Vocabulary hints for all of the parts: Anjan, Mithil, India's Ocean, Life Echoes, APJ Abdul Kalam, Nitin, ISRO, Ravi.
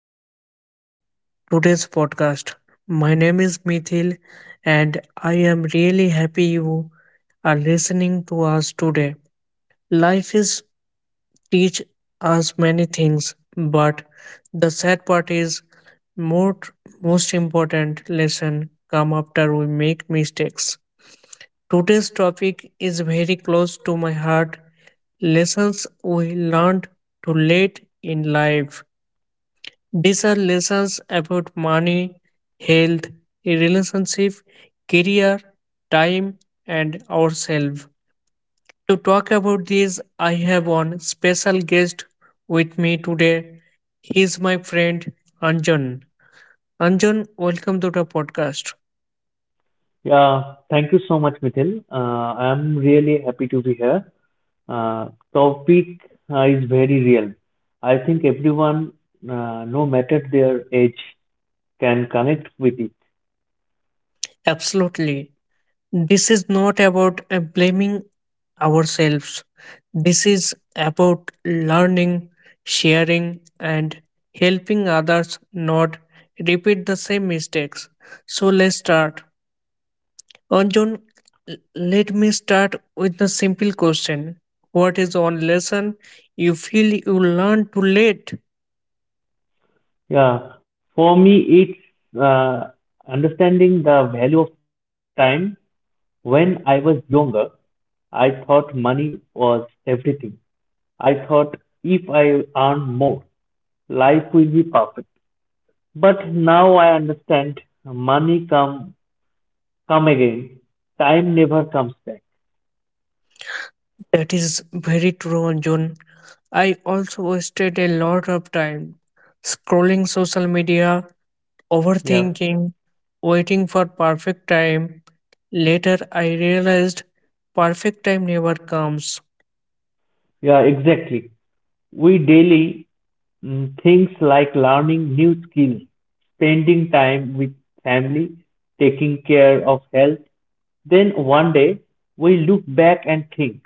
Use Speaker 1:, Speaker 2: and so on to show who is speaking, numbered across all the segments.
Speaker 1: welcome to today's podcast. My name is Mithil, and I am really happy you are listening to us today. Life is teach us many things, but the sad part is more most important lesson come after we make mistakes. Today's topic is very close to my heart lessons we learned too late in life. These are lessons about money, health, relationship, career, time, and ourselves. To talk about this, I have one special guest with me today. He is my friend Anjan. Anjan, welcome to the podcast.
Speaker 2: Yeah, thank you so much, Mithil. I'm really happy to be here. Topic is very real. I think everyone, no matter their age, can connect with it.
Speaker 1: Absolutely. This is not about blaming ourselves. This is about learning, sharing, and helping others not repeat the same mistakes. So let's start. Anjan, let me start with a simple question. What is one lesson you feel you learned too late?
Speaker 2: Yeah, for me, it's understanding the value of time. When I was younger, I thought money was everything. I thought if I earn more, life will be perfect. But now I understand money comes come again. Time never comes back.
Speaker 1: That is very true, John. I also wasted a lot of time scrolling social media,
Speaker 2: Yeah,
Speaker 1: overthinking, waiting for perfect time. Later, I realized perfect time never comes.
Speaker 2: yeah, exactly. We daily things like learning new skills, spending time with family, taking care of health. Then one day we look back and think,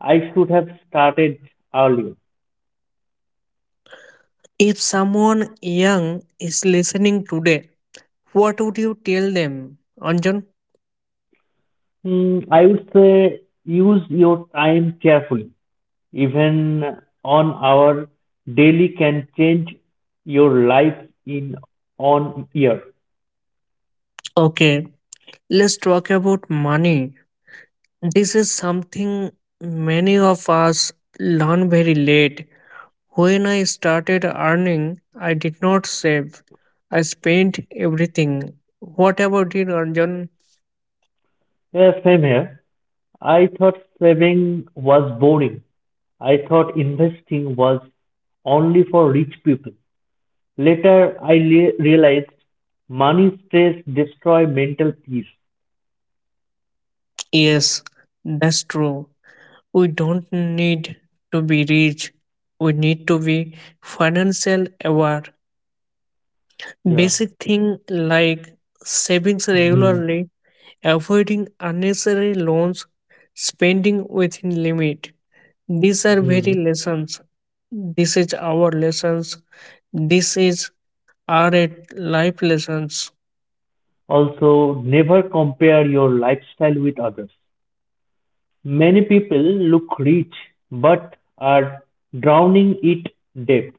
Speaker 2: I should have started earlier.
Speaker 1: If someone young is listening today, what would you tell them, Anjan?
Speaker 2: I would say use your time carefully. Even on our daily can change your life in on year.
Speaker 1: Okay, let's talk about money. This is something many of us learn very late. When I started earning, I did not save. I spent everything. What about it, Arjun?
Speaker 2: Yeah, same here. I thought saving was boring. I thought investing was only for rich people. Later, realized money stress destroy mental peace.
Speaker 1: Yes, that's true. We don't need to be rich. We need to be financial aware.
Speaker 2: Yeah.
Speaker 1: Basic thing like savings
Speaker 2: Hmm.
Speaker 1: regularly, avoiding unnecessary loans, spending within limit. These are
Speaker 2: Hmm.
Speaker 1: very lessons. This is our lessons. This is our life lessons.
Speaker 2: Also, never compare your lifestyle with others. Many people look rich but are drowning it debt.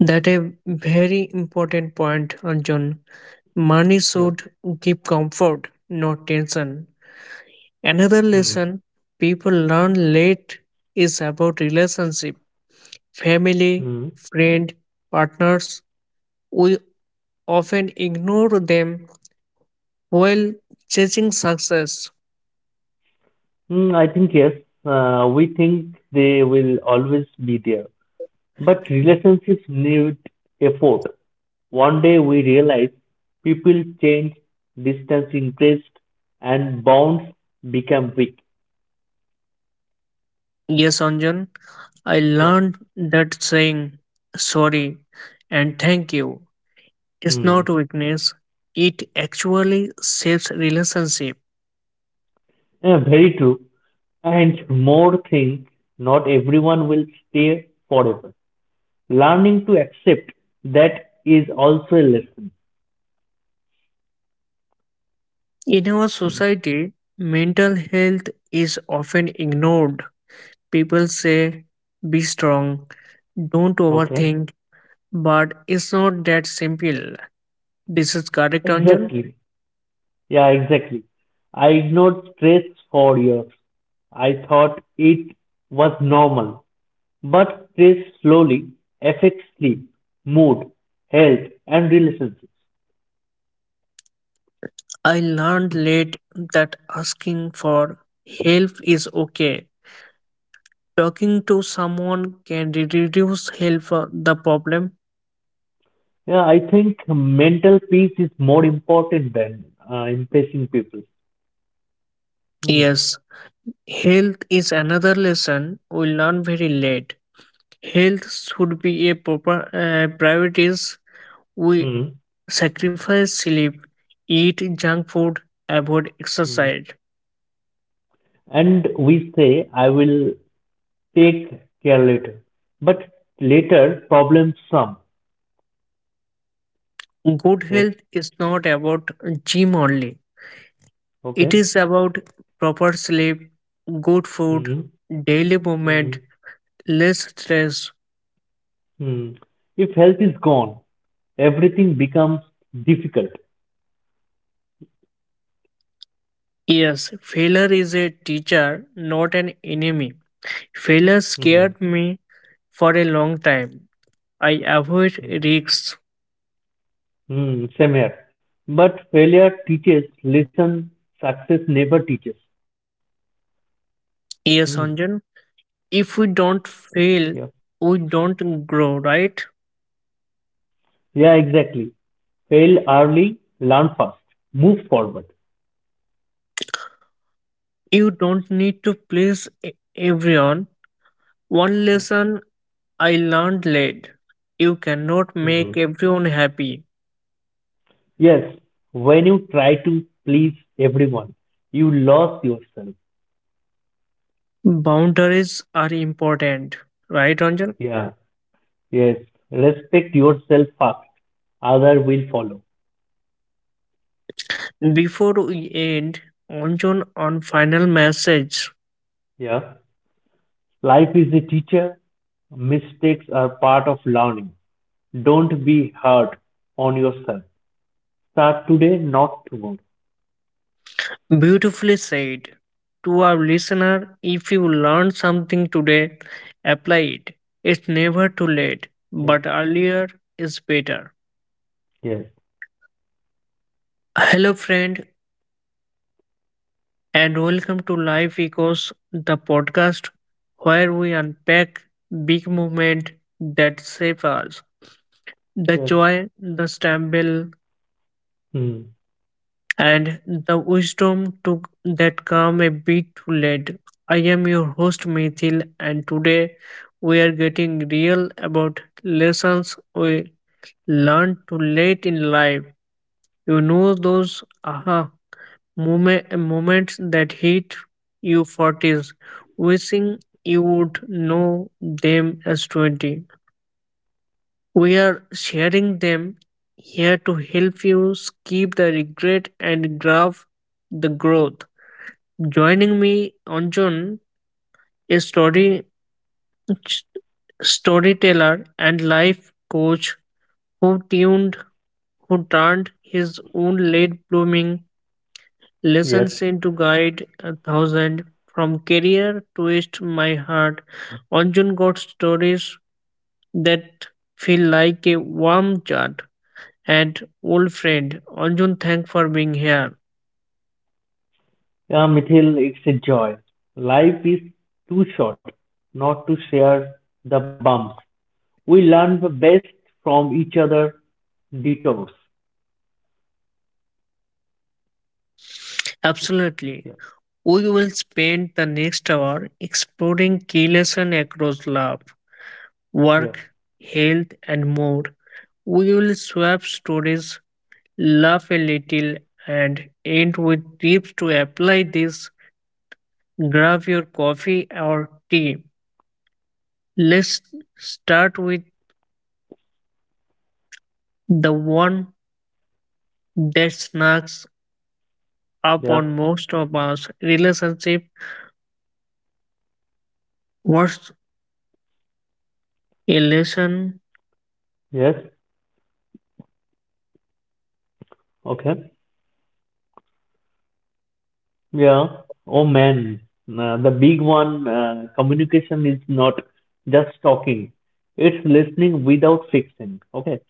Speaker 1: That a very important point, Arjun. Money
Speaker 2: Yes.
Speaker 1: should give comfort, not tension. Another
Speaker 2: Hmm.
Speaker 1: lesson people learn late is about relationship. Family, friend, partners, we often ignore them while chasing success.
Speaker 2: I think yes. We think they will always be there. But relationships need effort. One day we realize people change, distance increased, and bonds become weak.
Speaker 1: Yes, Anjan, I
Speaker 2: Yeah.
Speaker 1: learned that saying sorry and thank you is
Speaker 2: Hmm.
Speaker 1: not weakness. It actually saves relationship.
Speaker 2: Yeah, very true. And more thing, not everyone will stay forever. Learning to accept that is also a lesson.
Speaker 1: In our society, mental health is often ignored. People say, be strong, don't
Speaker 2: Okay.
Speaker 1: overthink, but it's not that simple. This is correct, Anjan.
Speaker 2: Exactly. Yeah, exactly. I ignored stress for years. I thought it was normal. But stress slowly affects sleep, mood, health, and relationships.
Speaker 1: I learned late that asking for help is okay. Talking to someone can reduce help the problem.
Speaker 2: Yeah, I think mental peace is more important than impressing people. Hmm.
Speaker 1: Yes, health is another lesson we learn very late. Health should be a proper priorities. We
Speaker 2: Hmm.
Speaker 1: sacrifice sleep, eat junk food, avoid
Speaker 2: Hmm.
Speaker 1: exercise.
Speaker 2: And we say, I will take care later. But later, problems come.
Speaker 1: Good
Speaker 2: Yes.
Speaker 1: health is not about gym only. It
Speaker 2: Okay.
Speaker 1: is about proper sleep, good food,
Speaker 2: Hmm.
Speaker 1: daily movement,
Speaker 2: Hmm.
Speaker 1: less stress.
Speaker 2: Hmm. If health is gone, everything becomes difficult.
Speaker 1: Yes, failure is a teacher, not an enemy. Failure
Speaker 2: Hmm.
Speaker 1: scared me for a long time. I avoid
Speaker 2: Hmm.
Speaker 1: risks.
Speaker 2: Hmm. Same here. But failure teaches lesson success never teaches. Hmm.
Speaker 1: Yes, Anjan. If we
Speaker 2: Yeah.
Speaker 1: don't fail, we don't grow, right?
Speaker 2: Yeah, exactly. Fail early, learn fast, move forward.
Speaker 1: You don't need to please everyone. One
Speaker 2: Yeah.
Speaker 1: lesson I learned late. You cannot
Speaker 2: Hmm.
Speaker 1: make everyone happy.
Speaker 2: Yes, when you try to please everyone, you lose yourself.
Speaker 1: Boundaries are important, right, Anjan?
Speaker 2: Yeah. Yes. Respect yourself first. Other will follow.
Speaker 1: Before we end, Anjan, on final message.
Speaker 2: Yeah. Life is a teacher. Mistakes are part of learning. Don't be hard on yourself. Start today, not tomorrow.
Speaker 1: Beautifully said. To our listener, if you learned something today, apply it. It's never too late,
Speaker 2: Yeah.
Speaker 1: but earlier is better.
Speaker 2: Yes.
Speaker 1: Hello, friend, and welcome to Life Echoes, the podcast where we unpack big movement that shape us. The
Speaker 2: Yes.
Speaker 1: joy, the stumble,
Speaker 2: Mm.
Speaker 1: and the wisdom to that come a bit too late. I am your host Mithil, and today we are getting real about lessons we learned too late in life. You know those moments that hit you forties, wishing you would know them as 20. We are sharing them here to help you skip the regret and grab the growth. Joining me on a story storyteller and life coach who tuned who turned his own late blooming lessons
Speaker 2: Yes.
Speaker 1: into guide a thousand from career twist my heart. Anjun got stories that feel like a warm chat and old friend. Anjun, thank for being here.
Speaker 2: Yeah, Mithil, it's a joy. Life is too short not to share the bumps. We learn the best from each other detours.
Speaker 1: Absolutely.
Speaker 2: Yeah.
Speaker 1: We will spend the next hour exploring key lessons across love,
Speaker 2: Yes.
Speaker 1: work, health, and more. We will swap stories, laugh a little, and end with tips to apply this. Grab your coffee or tea. Let's start with the one that snacks up
Speaker 2: Yeah.
Speaker 1: on most of us relationship. What's a lesson?
Speaker 2: Yes. Okay. Yeah. Oh man, the big one, communication is not just talking. It's listening without fixing. Okay.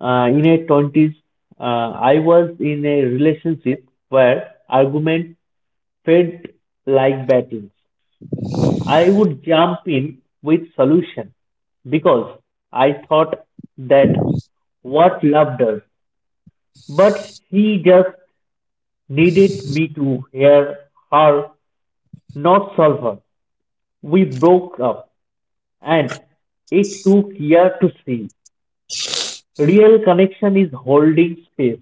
Speaker 2: In a 20s, I was in a relationship where argument felt like battles. I would jump in with solution because I thought that what love does. But she just needed me to hear her, not solve her. We broke up, and it took years to see. Real connection is holding space.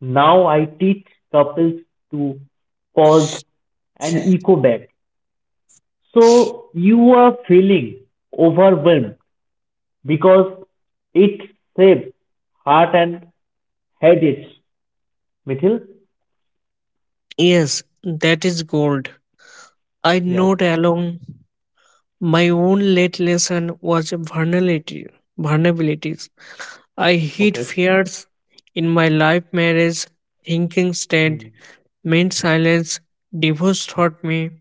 Speaker 2: Now I teach couples to pause and echo back. So you are feeling overwhelmed because it saves heart and headaches. Mithil?
Speaker 1: Yes, that is gold. I
Speaker 2: Yeah.
Speaker 1: note along. My own late lesson was vulnerabilities. I hid
Speaker 2: Okay.
Speaker 1: fears in my life marriage, thinking state,
Speaker 2: Hmm.
Speaker 1: meant silence, divorce taught me,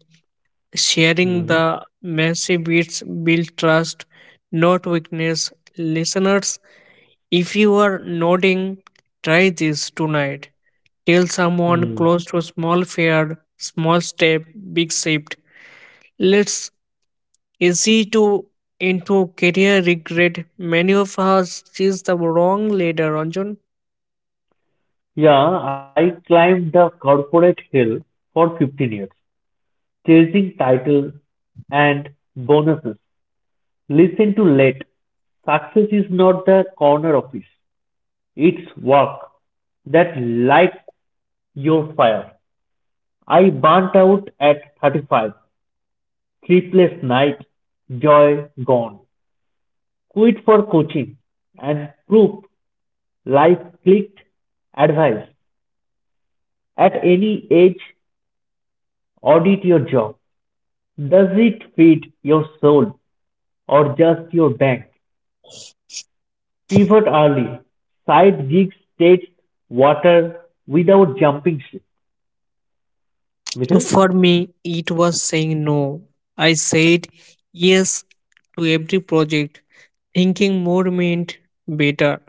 Speaker 1: sharing
Speaker 2: Hmm.
Speaker 1: the messy bits build trust, not weakness. Listeners, if you are nodding, try this tonight. Tell someone close
Speaker 2: Hmm.
Speaker 1: to a small fear, small step, big shift. Let's easy to into career regret. Many of us choose the wrong ladder, Ranjan.
Speaker 2: Yeah, I climbed the corporate hill for 15 years, chasing titles and bonuses. Listen to Late. Success is not the corner office. It's work that lights your fire. I burnt out at 35. Sleepless night. Joy gone. Quit for coaching and proof. Life clicked. Advice. At any age, audit your job. Does it feed your soul or just your bank? Pivot early. Side gigs takes water without jumping ship. Mithil?
Speaker 1: For me, it was saying no. I said yes to every project, thinking more meant better.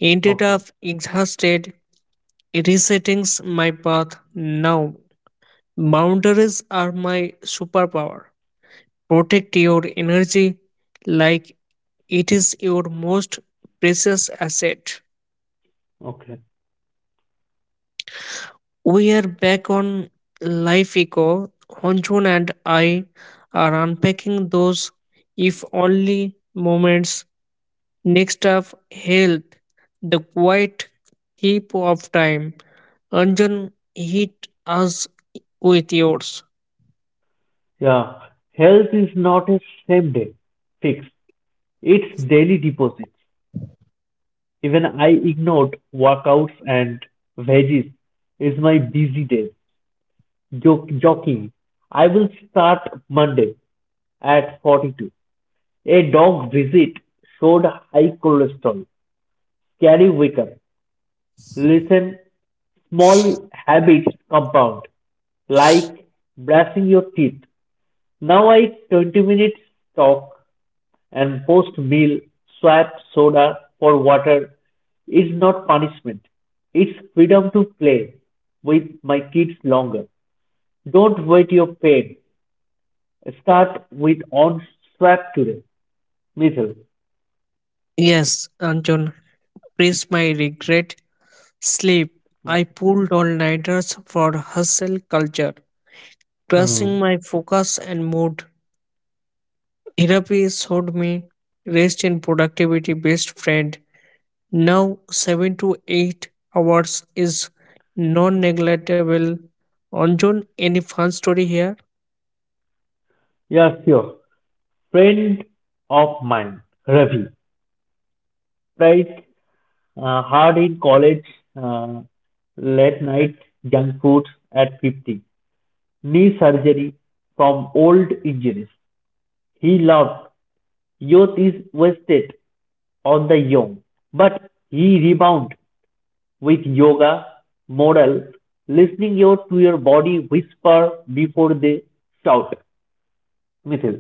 Speaker 1: Ended
Speaker 2: Okay.
Speaker 1: up exhausted, resetting my path now. Boundaries are my superpower. Protect your energy like it is your most precious asset.
Speaker 2: Okay.
Speaker 1: We are back on Life Eco. Honchun and I are unpacking those if only moments. Next up, health, the quiet heap of time. Anjan, hit us with yours.
Speaker 2: Yeah. Health is not a same day fix. It's daily deposits. Even I ignored workouts and veggies. It's my busy day. Joke, joking. I will start Monday at 42. A dog visit showed high cholesterol. Scary wake up. Listen, small habits compound, like brushing your teeth. Now I 20 minutes talk and post meal swap soda for water is not punishment. It's freedom to play with my kids longer. Don't wait your pain. Start with on swap today. Mithil.
Speaker 1: Yes, Anjan, praise my regret. Sleep. I
Speaker 2: Okay.
Speaker 1: pulled all nighters for hustle culture, crushing
Speaker 2: Hmm.
Speaker 1: my focus and mood. Therapy showed me rest and productivity best friend. Now, 7 to 8 hours is non negligible. Anjon, any fun story here?
Speaker 2: Yeah, sure. Friend of mine, Ravi, tried hard in college, uh, late night junk food at 50, knee surgery from old injuries. He loved youth is wasted on the young, but he rebound with yoga, Model listening your to your body whisper before they shout. Mithil,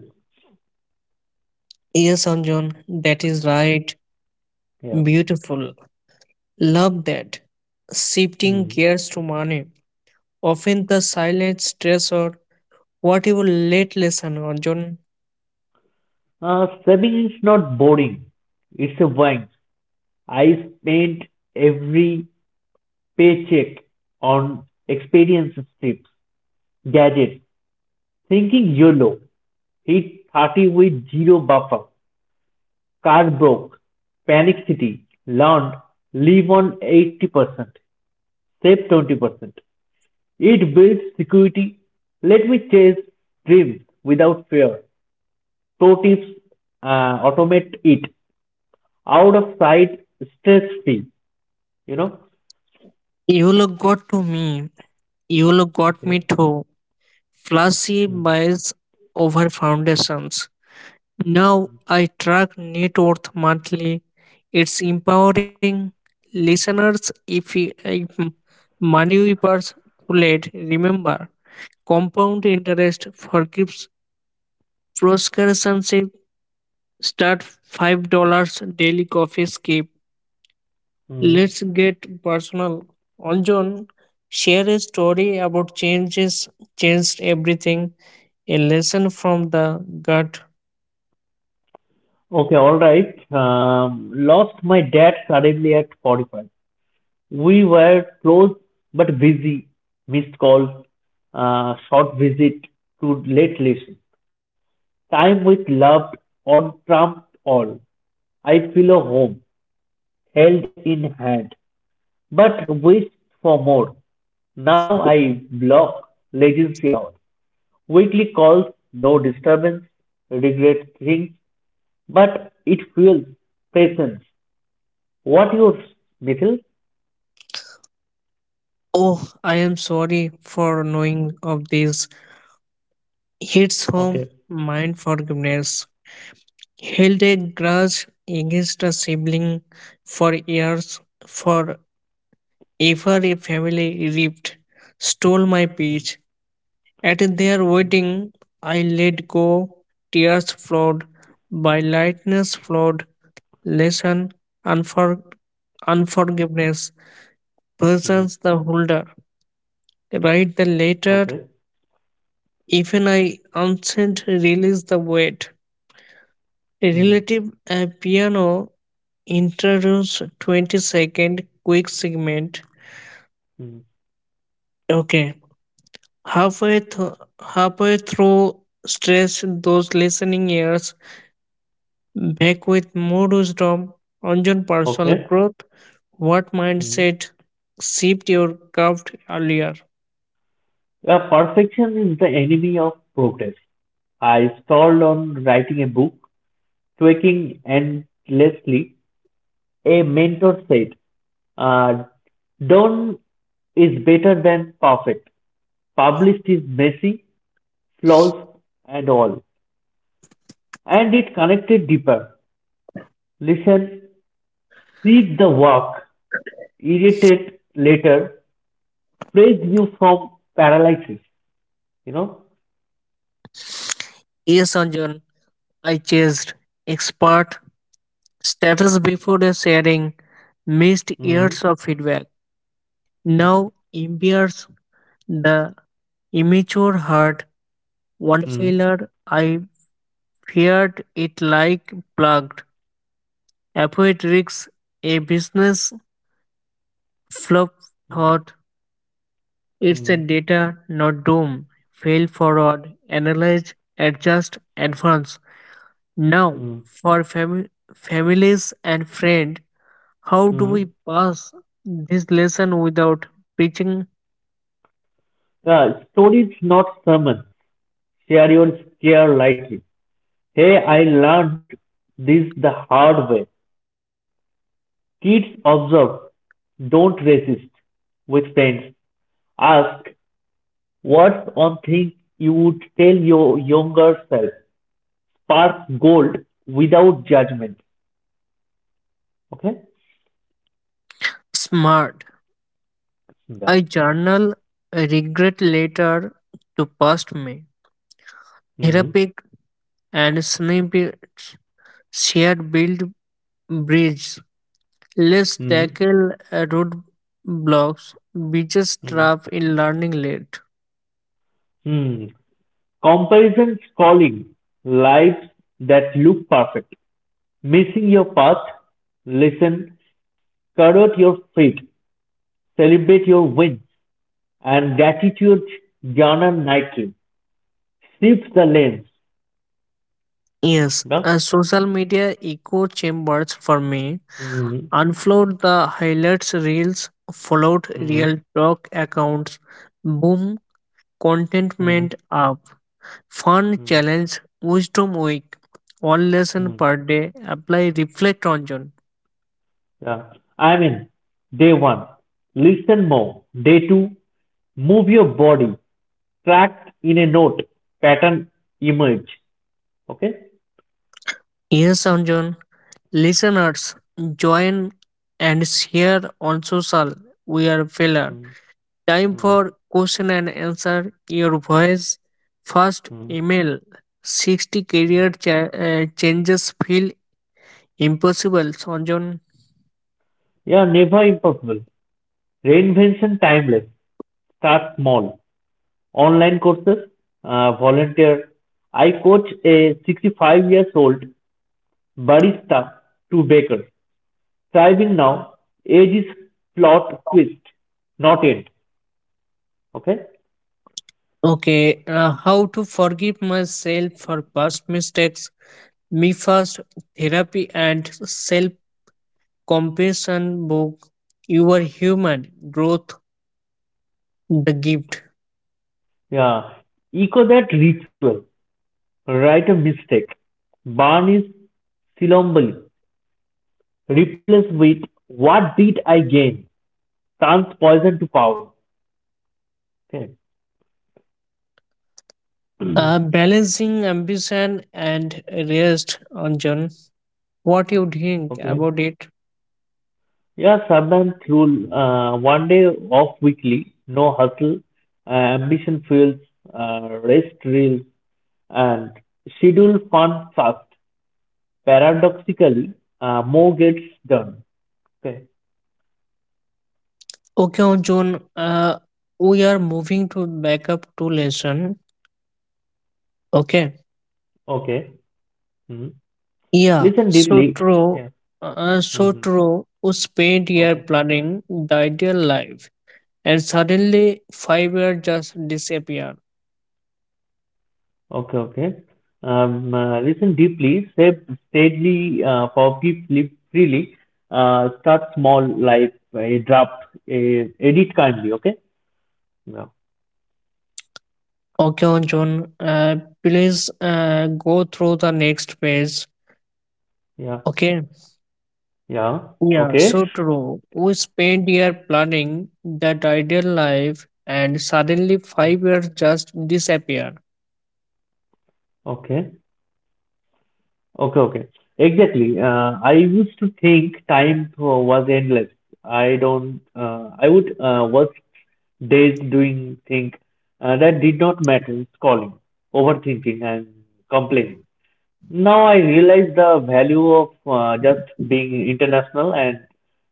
Speaker 1: Yes, Anjon, that is right.
Speaker 2: yeah.
Speaker 1: Beautiful. Love that. Shifting
Speaker 2: Hmm.
Speaker 1: gears to money. Often the silent stressor. What you late lesson, Anjon?
Speaker 2: Saving is not boring. It's a wine. I spent every paycheck on experiences tips, gadgets, thinking YOLO, hit 30 with zero buffer, car broke, panic city, learned, live on 80%, save 20%. It builds security. Let me chase dreams without fear. Pro tips, uh, automate it. Out of sight, stress free. You know?
Speaker 1: You look good to me. You look got me
Speaker 2: Okay.
Speaker 1: too. Flashy
Speaker 2: Hmm.
Speaker 1: buys over foundations. Now I track net worth monthly. It's empowering listeners if, you, if money weepers too late. Remember, compound interest forgives proscription. Start $5 daily coffee skip.
Speaker 2: Hmm.
Speaker 1: Let's get personal. Anjan, share a story about changes changed everything. A lesson from the gut.
Speaker 2: Okay, all right. Lost my dad suddenly at 45. We were close but busy. Missed calls, short visit to late listen. Time with loved on trump all. I feel a home held in hand, but wished for more. Now I block latency hours. Weekly calls, no disturbance, regret things, but it fuels patience. What use, Mithil?
Speaker 1: Oh, I am sorry for knowing of this. Hits home
Speaker 2: Okay.
Speaker 1: mind forgiveness. Held a grudge against a sibling for years for ever a family ripped, stole my peach. At their wedding, I let go, tears flowed, by lightness flowed, lesson, unfor- unforgiveness,
Speaker 2: Hmm.
Speaker 1: persons the holder. Write the letter,
Speaker 2: Okay.
Speaker 1: even I unsent release the weight.
Speaker 2: Hmm.
Speaker 1: Relative a piano introduce 20-second quick segment.
Speaker 2: Hmm.
Speaker 1: Okay, halfway, th- halfway through, stress those listening ears back with more wisdom on your personal
Speaker 2: Okay.
Speaker 1: growth. What
Speaker 2: Hmm.
Speaker 1: mindset shaped your curved earlier?
Speaker 2: Perfection is the enemy of progress. I stalled on writing a book, tweaking endlessly. A mentor said, uh, done is better than perfect. Published is messy, flaws, and all. And it connected deeper. Listen, see the work, irritate later, freed you from paralysis, you know?
Speaker 1: Yes, Anjan, I chased expert status before the sharing, missed
Speaker 2: Mm.
Speaker 1: years of feedback.
Speaker 2: Okay.
Speaker 1: Now embears the immature heart. One
Speaker 2: Mm.
Speaker 1: failure, I feared it like plugged. Avoid risks, a business flop
Speaker 2: Mm.
Speaker 1: thought it's a
Speaker 2: Mm.
Speaker 1: data, not doom. Fail forward, analyze, adjust, advance. Now,
Speaker 2: Mm.
Speaker 1: for families and friends, how do we
Speaker 2: Mm.
Speaker 1: pass this lesson without preaching
Speaker 2: Stories, not sermons. Share your scare lightly. Hey, I learned this the hard way. Kids observe, don't resist with friends. Ask what's one thing you would tell your younger self. Spark gold without judgment. Okay?
Speaker 1: smart?
Speaker 2: Sundar.
Speaker 1: I journal a regret later to past me.
Speaker 2: Mm.
Speaker 1: Therapeutic and snippets shared build bridges. Let's
Speaker 2: Mm.
Speaker 1: tackle roadblocks, biggest
Speaker 2: Mm.
Speaker 1: trap in learning late.
Speaker 2: Mm. Comparisons calling lives that look perfect, missing your path, listen, covet your feet, celebrate your wins, and gratitude Jana Nike Shift the lens.
Speaker 1: Yes,
Speaker 2: No?
Speaker 1: social media echo chambers for me.
Speaker 2: Mm-hmm.
Speaker 1: Unfollowed the highlights reels, followed real
Speaker 2: Mm-hmm.
Speaker 1: talk accounts. Boom,
Speaker 2: Mm-hmm.
Speaker 1: contentment up. Fun challenge, wisdom week. One lesson
Speaker 2: Mm-hmm.
Speaker 1: per day. Apply reflect Anjan.
Speaker 2: Yeah. I mean, day one, listen more. Day two, move your body, track in a note, pattern emerge. Okay?
Speaker 1: Yes, Anjan. Listeners, join and share on social. We are filler.
Speaker 2: Mm-hmm.
Speaker 1: Time for question and answer. Your voice. First
Speaker 2: Mm-hmm.
Speaker 1: email. 60 career changes feel impossible, Sanjan.
Speaker 2: Yeah, never impossible. Reinvention timeless. Start small. Online courses, volunteer. I coach a 65 years old barista to baker. Thriving now. Age is plot twist, not end. Okay?
Speaker 1: Okay, how to forgive myself for past mistakes. Me first therapy and self compassion book. You are human. Growth, the gift.
Speaker 2: Yeah. Echo that ritual. Write a mistake. Burn is silombali. Replace with what did I gain? Turns poison to power. Okay.
Speaker 1: Balancing ambition and rest, Anjan. What you think
Speaker 2: Okay.
Speaker 1: about it?
Speaker 2: Yeah, sub and rule. One day off weekly, no hustle, ambition fuels, rest reels, and schedule fun fast. Paradoxically, more gets done. Okay.
Speaker 1: Okay, John, we are moving to backup to lesson. Okay.
Speaker 2: Okay. Mhm.
Speaker 1: Yeah,
Speaker 2: Listen
Speaker 1: so
Speaker 2: deeply.
Speaker 1: true.
Speaker 2: Yeah.
Speaker 1: So
Speaker 2: Hmm.
Speaker 1: true. We spent year
Speaker 2: Okay.
Speaker 1: planning the ideal life, and suddenly 5 years just disappear.
Speaker 2: Okay. Okay. Listen deeply, save steadily, forgive live freely, start small, like a draft, a edit kindly. Okay. Yeah.
Speaker 1: Okay, John, please go through the next page.
Speaker 2: Yeah.
Speaker 1: Okay.
Speaker 2: Yeah.
Speaker 1: Yeah,
Speaker 2: Okay.
Speaker 1: so true. We spent year planning that ideal life, and suddenly 5 years just disappear.
Speaker 2: Okay. Okay. Okay. Exactly. I used to think time was endless. I don't. I would work days doing things that did not matter, calling, overthinking, and complaining. Now I realize the value of just being international and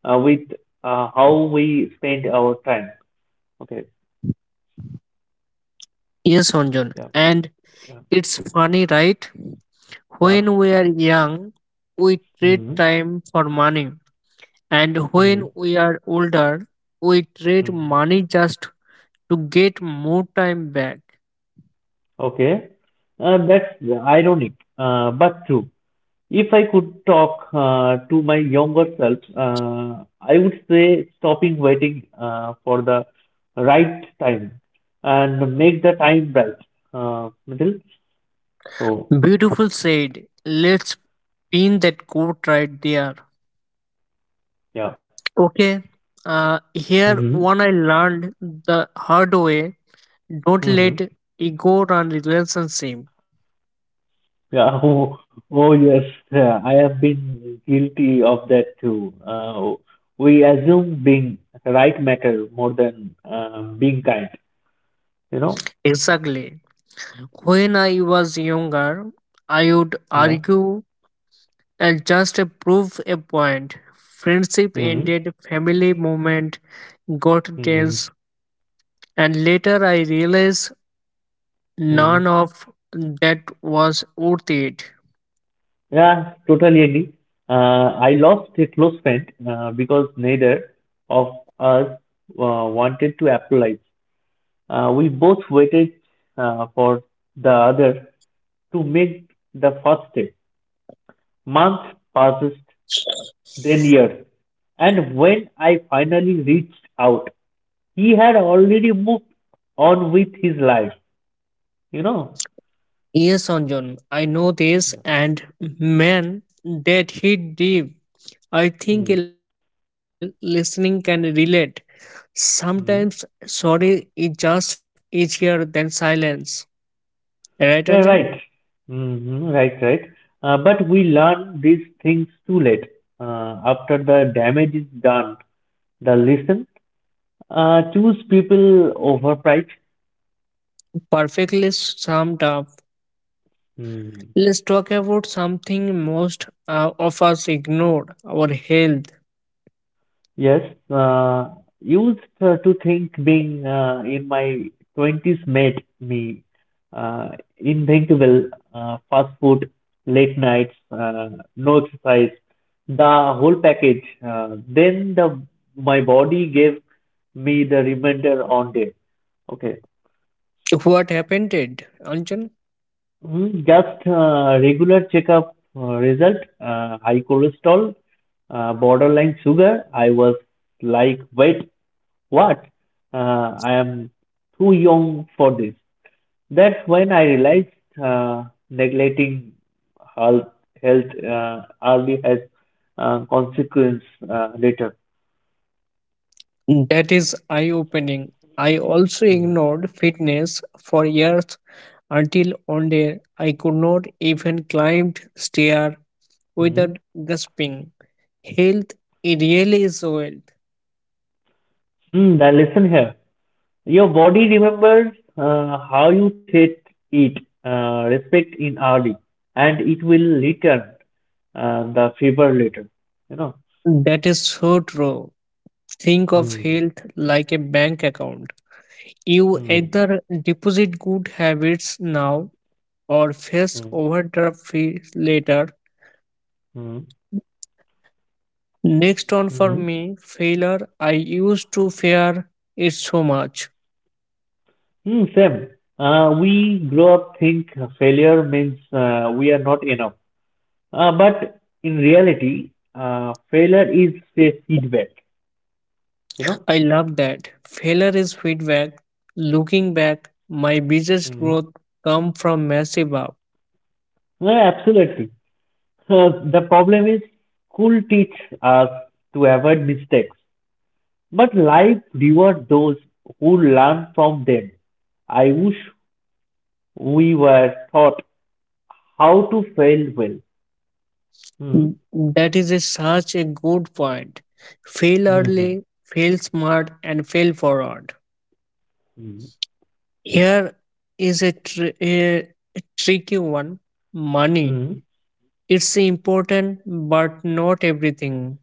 Speaker 2: with how we spend our time. Okay.
Speaker 1: Yes, Anjan.
Speaker 2: Yeah.
Speaker 1: And
Speaker 2: Yeah.
Speaker 1: it's funny, right?
Speaker 2: Yeah.
Speaker 1: When we are young, we trade
Speaker 2: Mm-hmm.
Speaker 1: time for money, and
Speaker 2: Mm-hmm.
Speaker 1: when we are older, we trade
Speaker 2: Mm-hmm.
Speaker 1: money just to get more time back.
Speaker 2: Okay. That's ironic, but true. If I could talk to my younger self, I would say stopping waiting for the right time and make the time right. Middle. So,
Speaker 1: Beautiful said. Let's pin that quote right there.
Speaker 2: yeah.
Speaker 1: Okay, here
Speaker 2: Mm-hmm.
Speaker 1: one I learned the hard way. Don't let
Speaker 2: Mm-hmm.
Speaker 1: ego run relationship.
Speaker 2: Yeah. Oh, oh yes. Yeah, I have been guilty of that too. We assume being right matter more than being kind. You know.
Speaker 1: Exactly. When I was younger, I would
Speaker 2: Yeah.
Speaker 1: argue and just to prove a point, friendship
Speaker 2: Hmm.
Speaker 1: ended, family moment got
Speaker 2: Hmm.
Speaker 1: tense, and later I realized
Speaker 2: Hmm.
Speaker 1: none of that was worth it.
Speaker 2: Yeah, totally agree. I lost a close friend because neither of us wanted to apologize. We both waited for the other to make the first step. Months passed, then years. And when I finally reached out, he had already moved on with his life, you know.
Speaker 1: Yes, Anjan, I know this, and man, that hit deep. I think
Speaker 2: Hmm.
Speaker 1: a lot people listening can relate.
Speaker 2: Mm.
Speaker 1: Sometimes sorry is just easier than silence. Right,
Speaker 2: Yeah,
Speaker 1: Anjan?
Speaker 2: right. Hmm. Right, right. But we learn these things too late. After the damage is done, the lesson choose people over price.
Speaker 1: Perfectly summed up.
Speaker 2: Mm-hmm.
Speaker 1: Let's talk about something most of us ignored our health.
Speaker 2: Yes, uh, used to think being in my 20s made me uh, unthinkable. Fast food, late nights, no exercise, the whole package. Then the my body gave me the reminder on day. Okay,
Speaker 1: What happened, it, Anjan?
Speaker 2: Just regular checkup result, high cholesterol, borderline sugar. I was like, wait, what? I am too young for this. That's when I realized uh, neglecting health, health early has consequence later.
Speaker 1: That is eye opening. I also
Speaker 2: Hmm.
Speaker 1: ignored fitness for years until one day I could not even climb stair
Speaker 2: Hmm.
Speaker 1: without gasping. Health really is wealth.
Speaker 2: Hmm. Now listen here. Your body remembers how you treat it, respect in early, and it will return the favor later. You know.
Speaker 1: That is so true. Think of
Speaker 2: Hmm.
Speaker 1: health like a bank account. You
Speaker 2: Hmm.
Speaker 1: either deposit good habits now or face
Speaker 2: Hmm.
Speaker 1: overdraft fee later.
Speaker 2: Hmm.
Speaker 1: Next on for
Speaker 2: Hmm.
Speaker 1: me, failure. I used to fear it so much.
Speaker 2: Hmm. Same. We grow up think failure means we are not enough. But in reality, failure is a feedback, you know?
Speaker 1: I love that. Failure is feedback. Looking back, my biggest
Speaker 2: Hmm.
Speaker 1: growth come from massive up.
Speaker 2: Yeah, absolutely. The problem is school teach us to avoid mistakes, but life rewards those who learn from them. I wish we were taught how to fail well. Mm.
Speaker 1: That is such a good point. Fail
Speaker 2: Mhm.
Speaker 1: early, fail smart, and fail forward. Here is a tricky one money.
Speaker 2: Mm.
Speaker 1: It's important, but not everything.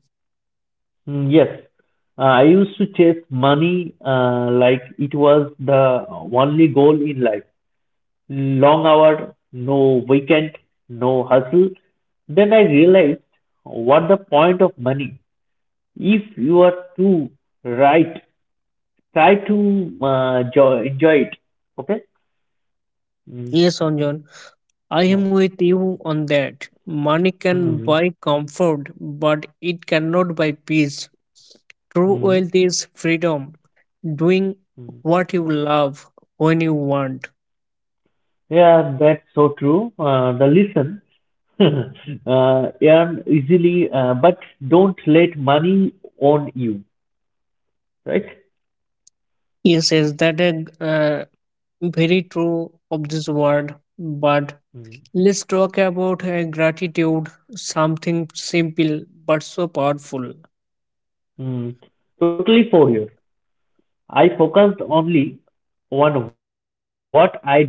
Speaker 2: Yes, I used to chase money like it was the only goal in life. Long hour, no weekend, no hustle. Then I realized what the point of money. If you are too right, try to enjoy it. Okay? Mm,
Speaker 1: Yes, Anjan, I am
Speaker 2: yeah.
Speaker 1: with you on that. Money can
Speaker 2: Mm,
Speaker 1: buy comfort, but it cannot buy peace. True
Speaker 2: mm,
Speaker 1: wealth is freedom, doing
Speaker 2: mm.
Speaker 1: what you love when you want.
Speaker 2: Yeah, that's so true. The listen earn easily, but don't let money own you, right?
Speaker 1: Yes, yes, that is uh, very true of this word. But
Speaker 2: Mm.
Speaker 1: let's talk about gratitude, something simple but so powerful.
Speaker 2: Mm. Totally for you. I focused only on what I did not have.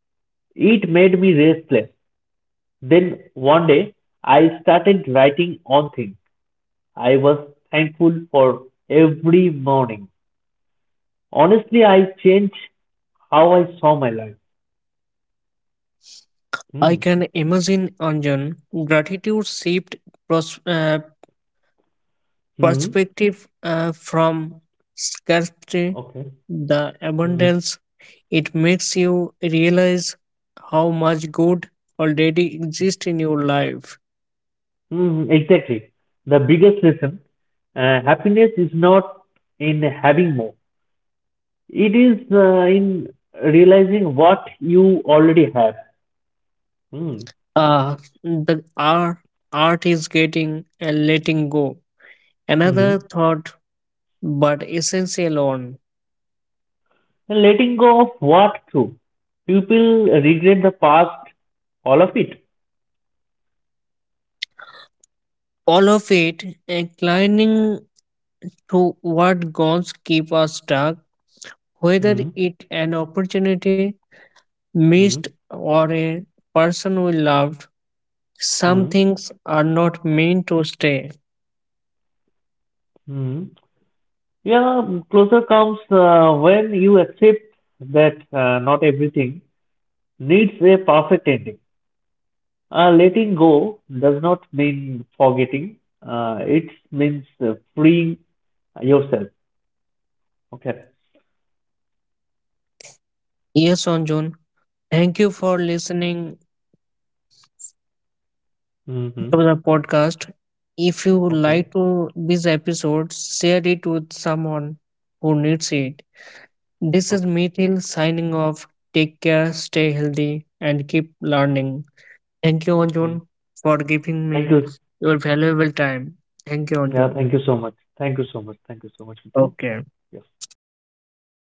Speaker 2: It made me restless. Then one day, I started writing on things I was thankful for every morning. Honestly, I changed how I saw my life.
Speaker 1: I
Speaker 2: Mm.
Speaker 1: can imagine, Anjan, gratitude shaped pros- uh,
Speaker 2: Mm.
Speaker 1: perspective from scarcity,
Speaker 2: Okay.
Speaker 1: the
Speaker 2: Mm.
Speaker 1: abundance, it makes you realize how much good already exists in your life.
Speaker 2: Exactly. The biggest lesson, happiness is not in having more. It is in realizing what you already have. Mm.
Speaker 1: Uh, the art is getting and letting go. Another
Speaker 2: Mm.
Speaker 1: thought, but essential one.
Speaker 2: And letting go of what through. People regret the past, all of it.
Speaker 1: All of it inclining to what goals keep us stuck, whether
Speaker 2: Mm.
Speaker 1: it an opportunity
Speaker 2: Mm.
Speaker 1: missed or a person we loved. Some
Speaker 2: Mm.
Speaker 1: things are not meant to stay.
Speaker 2: Mm. Yeah, closer comes when you accept that not everything needs a perfect ending. Letting go does not mean forgetting. It means freeing yourself. Okay.
Speaker 1: Yes, Anjun. Thank you for listening
Speaker 2: Mm-hmm.
Speaker 1: to the podcast. If you like
Speaker 2: Okay.
Speaker 1: to this episode, share it with someone who needs it. This is
Speaker 2: Okay.
Speaker 1: Mithil signing off. Take care, stay healthy, and keep learning. Thank you,
Speaker 2: Mm.
Speaker 1: Anjun, for giving
Speaker 2: Thank
Speaker 1: me
Speaker 2: you.
Speaker 1: your valuable time. Thank you,
Speaker 2: Yeah.
Speaker 1: Anjun.
Speaker 2: Thank you so much. Thank you so much. Thank you so much, Nitin.
Speaker 1: Okay.
Speaker 2: Yeah.